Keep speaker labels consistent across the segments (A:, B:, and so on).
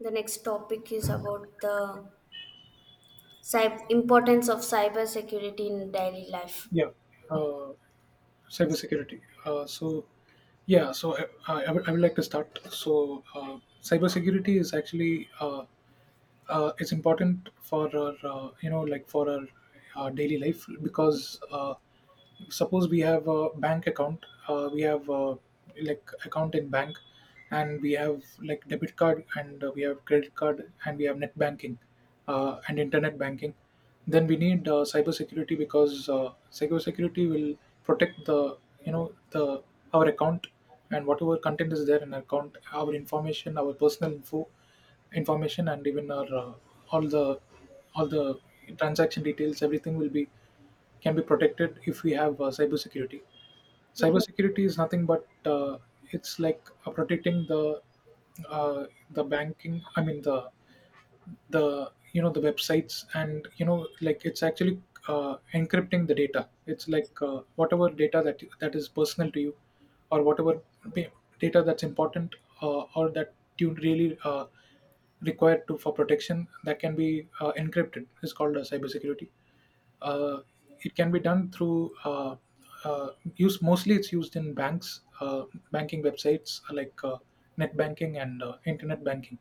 A: The next topic is about the importance of cyber security in daily life.
B: Yeah, uh, cybersecurity. Yeah, so I, I would I would like to start. So, cybersecurity is actually is important for our uh, for our daily life because suppose we have a bank account we have like account in bank and we have like debit card and we have credit card and we have net banking and internet banking then we need cyber security because cyber security will protect the you know the our account, and whatever content is there in our account, our information, our personal information and even our all the all the transaction details, everything will be, can be protected if we have cybersecurity.
A: Yeah,
B: Cybersecurity is nothing but it's like protecting the uh, the banking. I mean the websites, and you know like it's actually encrypting the data. It's like whatever data that is personal to you or whatever pa- data that's important, or that you really required to, for protection, that can be encrypted. It's called cybersecurity. uh, it can be done through uh, use, mostly it's used in banks, banking websites, net banking and internet banking,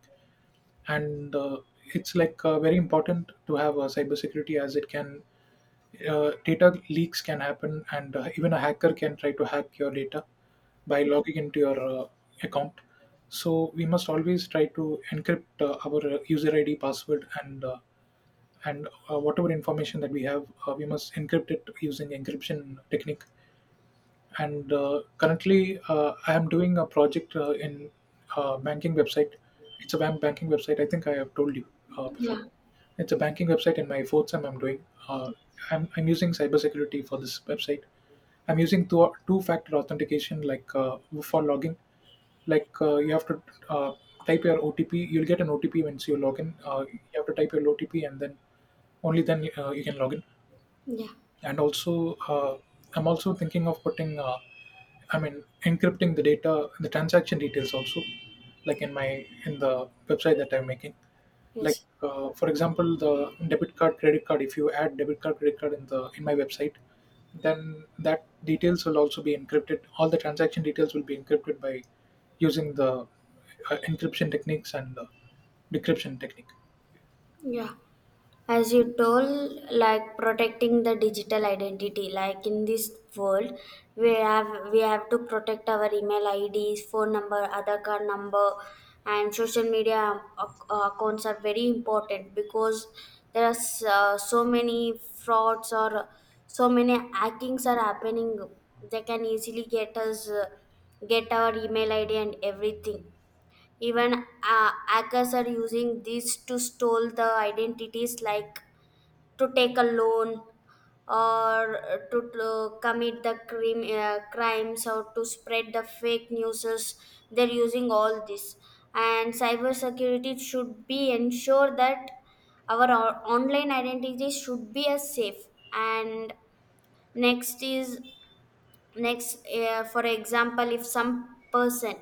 B: and it's like very important to have cybersecurity, as it can, data leaks can happen, and even a hacker can try to hack your data by logging into your account. So we must always try to encrypt our user ID, password, and whatever information that we have, we must encrypt it using encryption technique, and currently I am doing a project in banking website. It's a banking website. I think I have told you before.
A: Yeah.
B: It's a banking website in my fourth sem I'm doing. uh, I'm using cybersecurity for this website. I'm using two factor authentication, like for logging. Like you have to uh, type your OTP, you'll get an OTP. Once you log in, you have to type your OTP and then, only then you can log in.
A: yeah,
B: And also I'm also thinking of putting I mean encrypting the data, the transaction details also, like in my, in the website that I'm making. Like
A: yes,
B: for example, the debit card, credit card, if you add debit card, credit card in the, in my website, then that details will also be encrypted. All the transaction details will be encrypted by using the encryption techniques and the decryption technique.
A: yeah. As you told, like protecting the digital identity, like in this world we have, we have to protect our email ids, phone number, other card number, and social media accounts are very important because there are so many frauds or so many hackings are happening. They can easily get our email id and everything. Even hackers are using these to steal the identities, like to take a loan or to commit the crime, crimes, or to spread the fake news. They're using all this. And cybersecurity should be ensure that our online identities should be as safe. And next is next uh, for example, if some person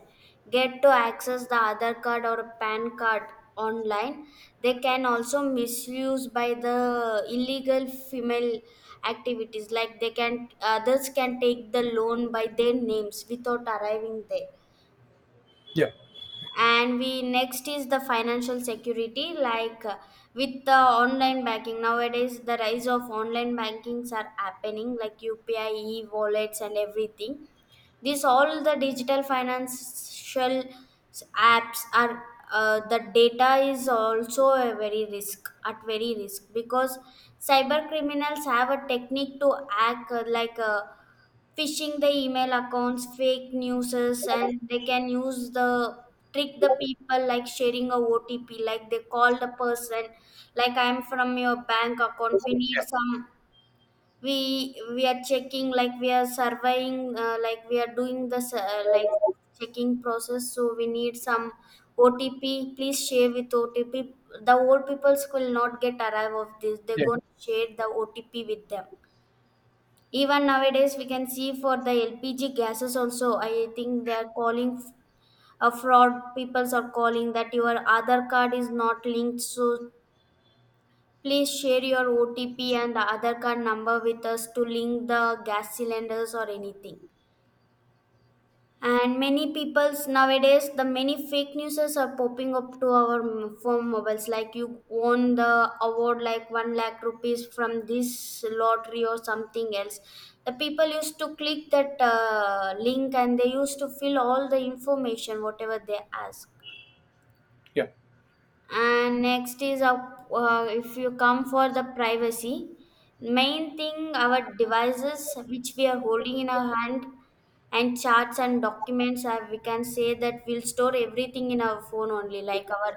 A: get to access the other card or pan card online, they can also misuse by the illegal female activities, like they can, others can take the loan by their names without arriving there.
B: yeah
A: And we, next is the financial security, like with the online banking nowadays, the rise of online bankings are happening like upi, e-wallets, and everything. This all the digital financial apps are, the data is also a very risk, at very risk, because cyber criminals have a technique to hack, phishing the email accounts, fake newses, and they can use the, trick the people like sharing a OTP, like they call the person, like I'm from your bank account. We need some. We are checking, like we are surveying, like we are doing the like checking process. So we need some OTP. Please share with OTP. The old peoples will not get arrive of this. They're
B: yeah
A: going to share the OTP with them. Even nowadays, we can see for the LPG gases also. I think they are calling a fraud. Peoples are calling that your other card is not linked, so please share your OTP and the other card number with us to link the gas cylinders or anything. And many people's nowadays, the many fake newses are popping up to our phone mobiles, like you won the award like 1 lakh rupees from this lottery or something else. The people used to click that link and they used to fill all the information whatever they ask.
B: yeah
A: And next is a, if you come for the privacy, main thing, our devices which we are holding in our hand and charts and documents are, we can say that we'll store everything in our phone only, like our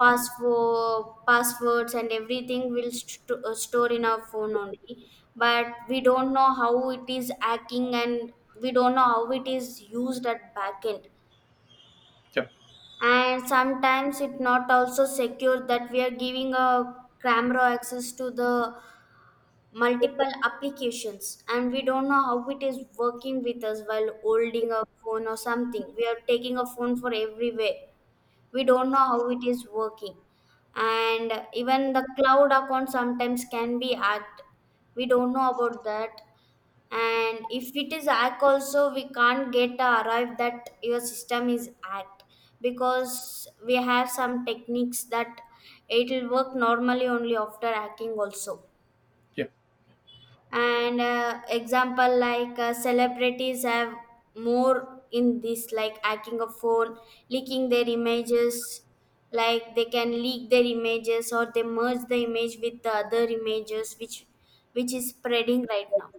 A: passwords and everything will store in our phone only, but we don't know how it is hacking, and we don't know how it is used at back end.
B: yeah
A: And sometimes it not also secure that we are giving a camera access to the multiple applications, and we don't know how it is working with us. While holding a phone or something, we are taking a phone for everywhere. We don't know how it is working. And even the cloud account sometimes can be hacked. We don't know about that. And if it is hack also, we can't get arrive that your system is hacked, because we have some techniques that it will work normally only after hacking also.
B: yeah
A: And example, like celebrities have more in this, like hacking a phone, leaking their images. Like they can leak their images, or they merge the image with the other images, which is spreading right now.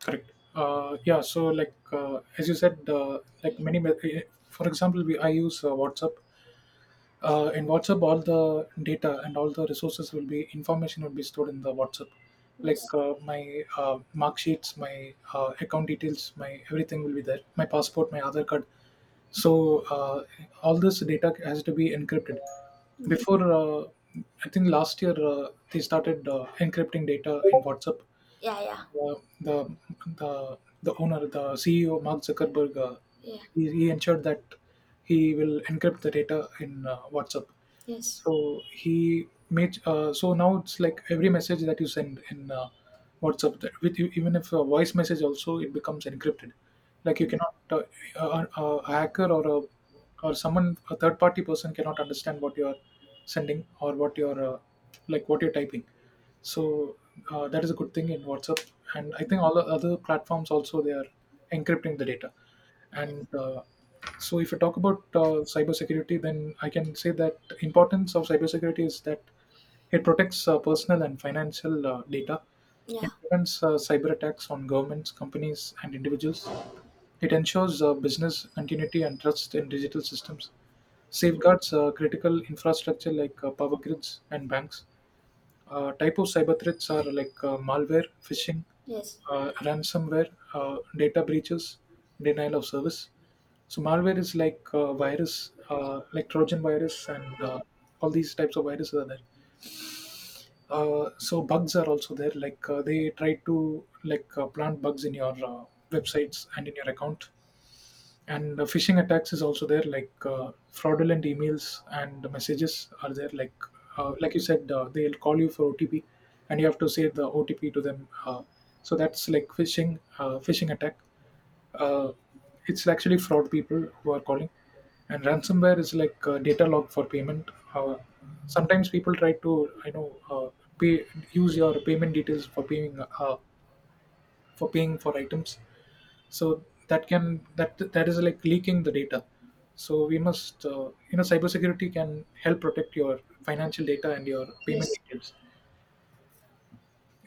B: Correct. Yeah. So, like as you said, like
A: Yeah.
B: many, me- eh, eh, for example, we, I use WhatsApp. In WhatsApp, all the data and all the resources will be, information will be stored in the WhatsApp. Like
A: yes
B: my mark sheets, my account details, my everything will be there. My passport, my other card. So all this data has to be encrypted.
A: yes
B: Before, I think last year they started encrypting data in WhatsApp.
A: Yeah, yeah,
B: The the the the owner, the CEO, Mark Zuckerberg,
A: yeah,
B: he ensured that he will encrypt the data in WhatsApp.
A: yes,
B: So he made so now it's like every message that you send in WhatsApp, that with you, even if a voice message also, it becomes encrypted. Like you cannot a, a a hacker or a, or someone, a third party person cannot understand what you are sending or what you're like what you're typing. So that is a good thing in WhatsApp, and I think all the other platforms also they are encrypting the data. And so, if you talk about cybersecurity, then I can say that importance of cybersecurity is that it protects personal and financial data.
A: yeah,
B: It prevents cyber attacks on governments, companies, and individuals. It ensures business continuity and trust in digital systems.
A: yeah,
B: Safeguards critical infrastructure like power grids and banks. Type of cyber threats are like malware, phishing,
A: yes,
B: ransomware, data breaches, denial of service. So malware is like virus, like Trojan virus, and
A: yeah,
B: all these types of viruses are there. So bugs are also there. Like they try to, like plant bugs in your websites and in your account. And phishing attacks is also there, like fraudulent emails and messages are there. Like like you said, they'll call you for OTP and you have to say the OTP to them, so that's like phishing, phishing attack. uh, it's actually fraud people who are calling. And ransomware is like data log for payment. Sometimes people try to, you know, pay, use your payment details for paying for paying for items. So that can, that is like leaking the data. So we must cybersecurity can help protect your financial data and your payment
A: yes,
B: details.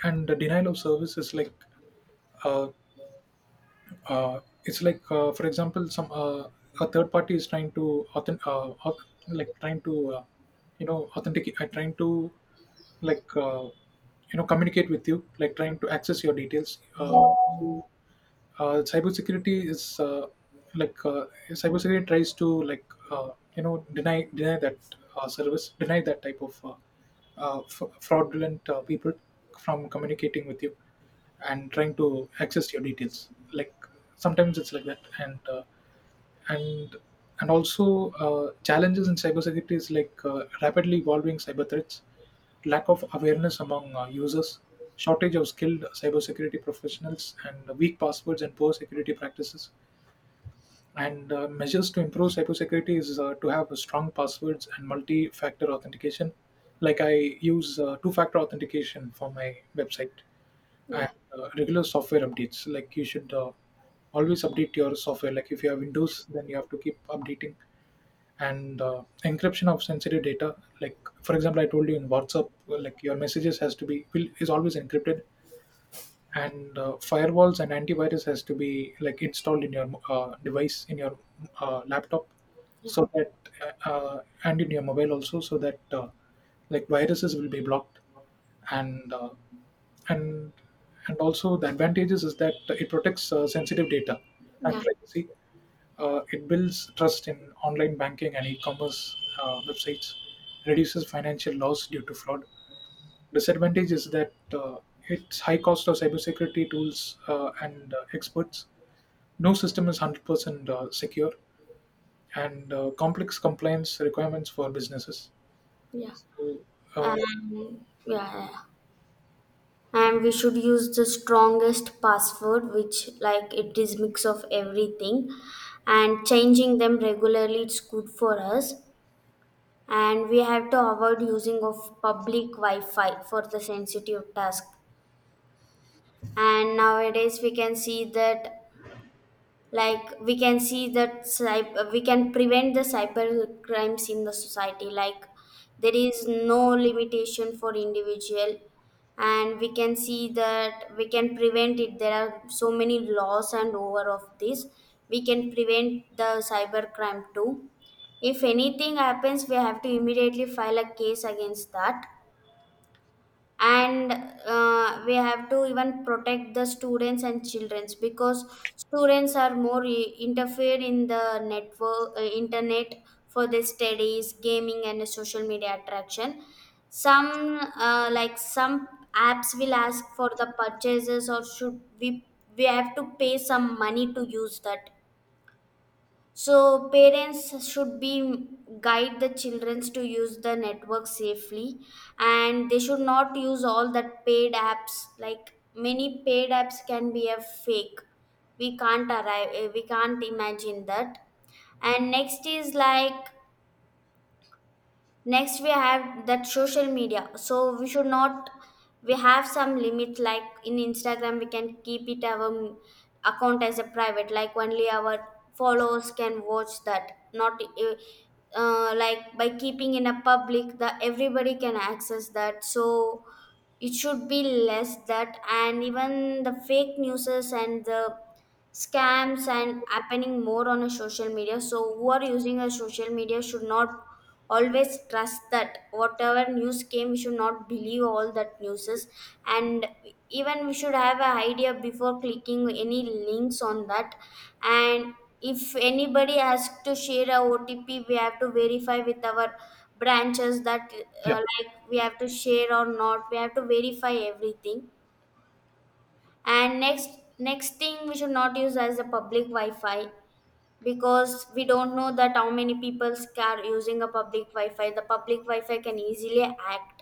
B: And the denial of service is like uh, uh, it's like for example, some a third party is trying to like trying to authenticate, trying to, like communicate with you, like trying to access your details. Cybersecurity is, like cybersecurity tries to, like deny that service, deny that type of fraudulent people from communicating with you and trying to access your details. Like sometimes it's like that, and and also challenges in cybersecurity is like rapidly evolving cyber threats, lack of awareness among users, shortage of skilled cybersecurity professionals, and weak passwords and poor security practices. And measures to improve cybersecurity is to have strong passwords and multi-factor authentication. Like I use two-factor authentication for my website,
A: yeah,
B: and regular software updates. Like you should always update your software. Like if you have Windows, then you have to keep updating. And encryption of sensitive data, like for example, I told you in WhatsApp, well, like your messages has to be, will, is always encrypted, and firewalls and antivirus has to be like installed in your device, in your laptop,
A: yeah,
B: so that and in your mobile also, so that like viruses will be blocked. And uh, and and also the advantages is that it protects sensitive data and
A: yeah,
B: privacy. It builds trust in online banking and e-commerce websites, reduces financial loss due to fraud. Disadvantage is that its high cost of cybersecurity tools and experts. No system is 100% secure, and complex compliance requirements for businesses.
A: yeah,
B: So, uh,
A: and yeah, yeah, And we should use the strongest password, which like it is mix of everything, and changing them regularly. It's good for us. And we have to avoid using of public Wi-Fi for the sensitive task. And nowadays we can see that, like we can see that cyber, we can prevent the cyber crimes in the society, like there is no limitation for individual, and we can see that we can prevent it. There are so many laws, and over of this we can prevent the cyber crime too. If anything happens, we have to immediately file a case against that. And we have to even protect the students and childrens, because students are more interfere in the network, internet, for their studies, gaming, and social media attraction. Some some apps will ask for the purchases, or should we have to pay some money to use that. So parents should be guide the children to use the network safely, and they should not use all that paid apps. Like many paid apps can be a fake. We can't arrive. We can't imagine that. And next is like, next we have that social media, so we should not, we have some limit, like in instagram we can keep it our account as a private, like only our followers can watch that, not like by keeping in a public, the everybody can access that, so it should be less that. And even the fake newses and the scams and happening more on a social media, so who are using a social media should not always trust that whatever news came. We should not believe all that newses. And even we should have an idea before clicking any links on that. And if anybody has to share a otp, we have to verify with our branches that,
B: yeah,
A: like we have to share or not, we have to verify everything. And next, next thing, we should not use as a public wi-fi, because we don't know that how many people are using a public wi-fi. The public wi-fi can easily act.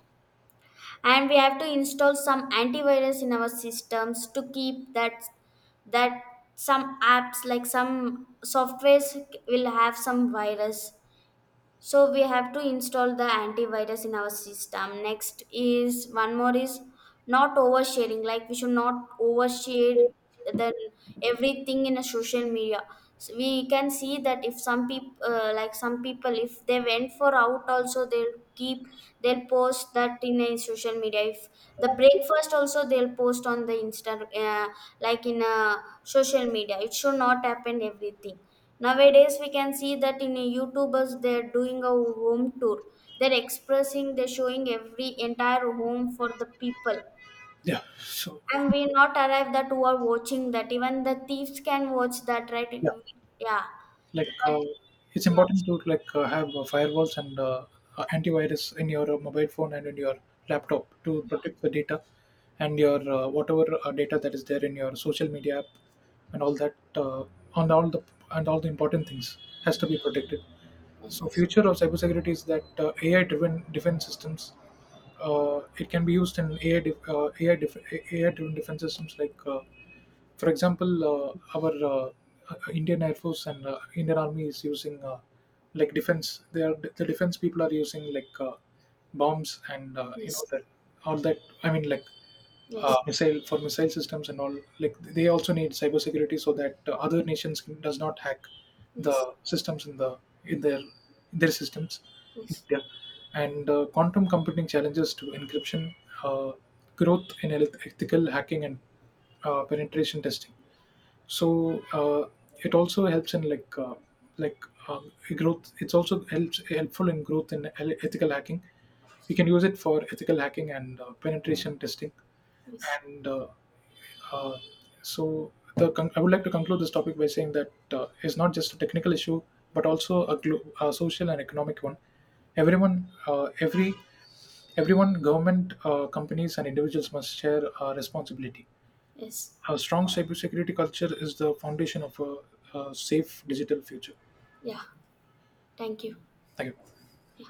A: And we have to install some antivirus in our systems to keep that, that some apps, like some softwares will have some virus, so we have to install the antivirus in our system. Next is, one more is, not oversharing. Like we should not overshare then everything in a social media. So we can see that if some people some people, if they went for out also, they'll keep, they'll post that in a social media. If the breakfast also, they'll post on the insta, like in a social media, it should not happen everything. Nowadays, we can see that in a YouTubers, they're doing a home tour. They're expressing, they're showing every entire home for the people.
B: yeah. So,
A: And we not arrive that who are watching that. Even the thieves can watch that, right?
B: yeah.
A: Yeah.
B: like
A: That-
B: it's
A: yeah.
B: important to, like have firewalls and antivirus in your mobile phone and in your laptop to protect the data and your whatever data that is there in your social media app and all that, on all the and all the important things has to be protected. So
A: Yes.
B: future of cybersecurity is that AI driven defense systems. It can be used in AI driven defense systems. Like for example, our Indian Air Force and Indian Army is using like defense. They are, the defense people, are using like bombs and you
A: Yes.
B: know that all that. I mean like
A: Yes.
B: missile, for missile systems and all. Like they also need cybersecurity so that other nations does not hack
A: Yes. Yes.
B: the systems in the, in their systems in
A: Yes.
B: India. And quantum computing challenges to encryption, uh, growth in ethical hacking, and penetration testing. So it also helps in, like like um, growth. It's also helps, helpful in growth in ethical hacking. You can use it for ethical hacking and penetration testing.
A: Yes.
B: And uh, so I would like to conclude this topic by saying that it's not just a technical issue, but also a, a social and economic one. Everyone, everyone, government, companies, and individuals must share responsibility.
A: Yes.
B: A strong cybersecurity culture is the foundation of a safe digital future.
A: Yeah. Thank you.
B: Thank you.
A: Yeah.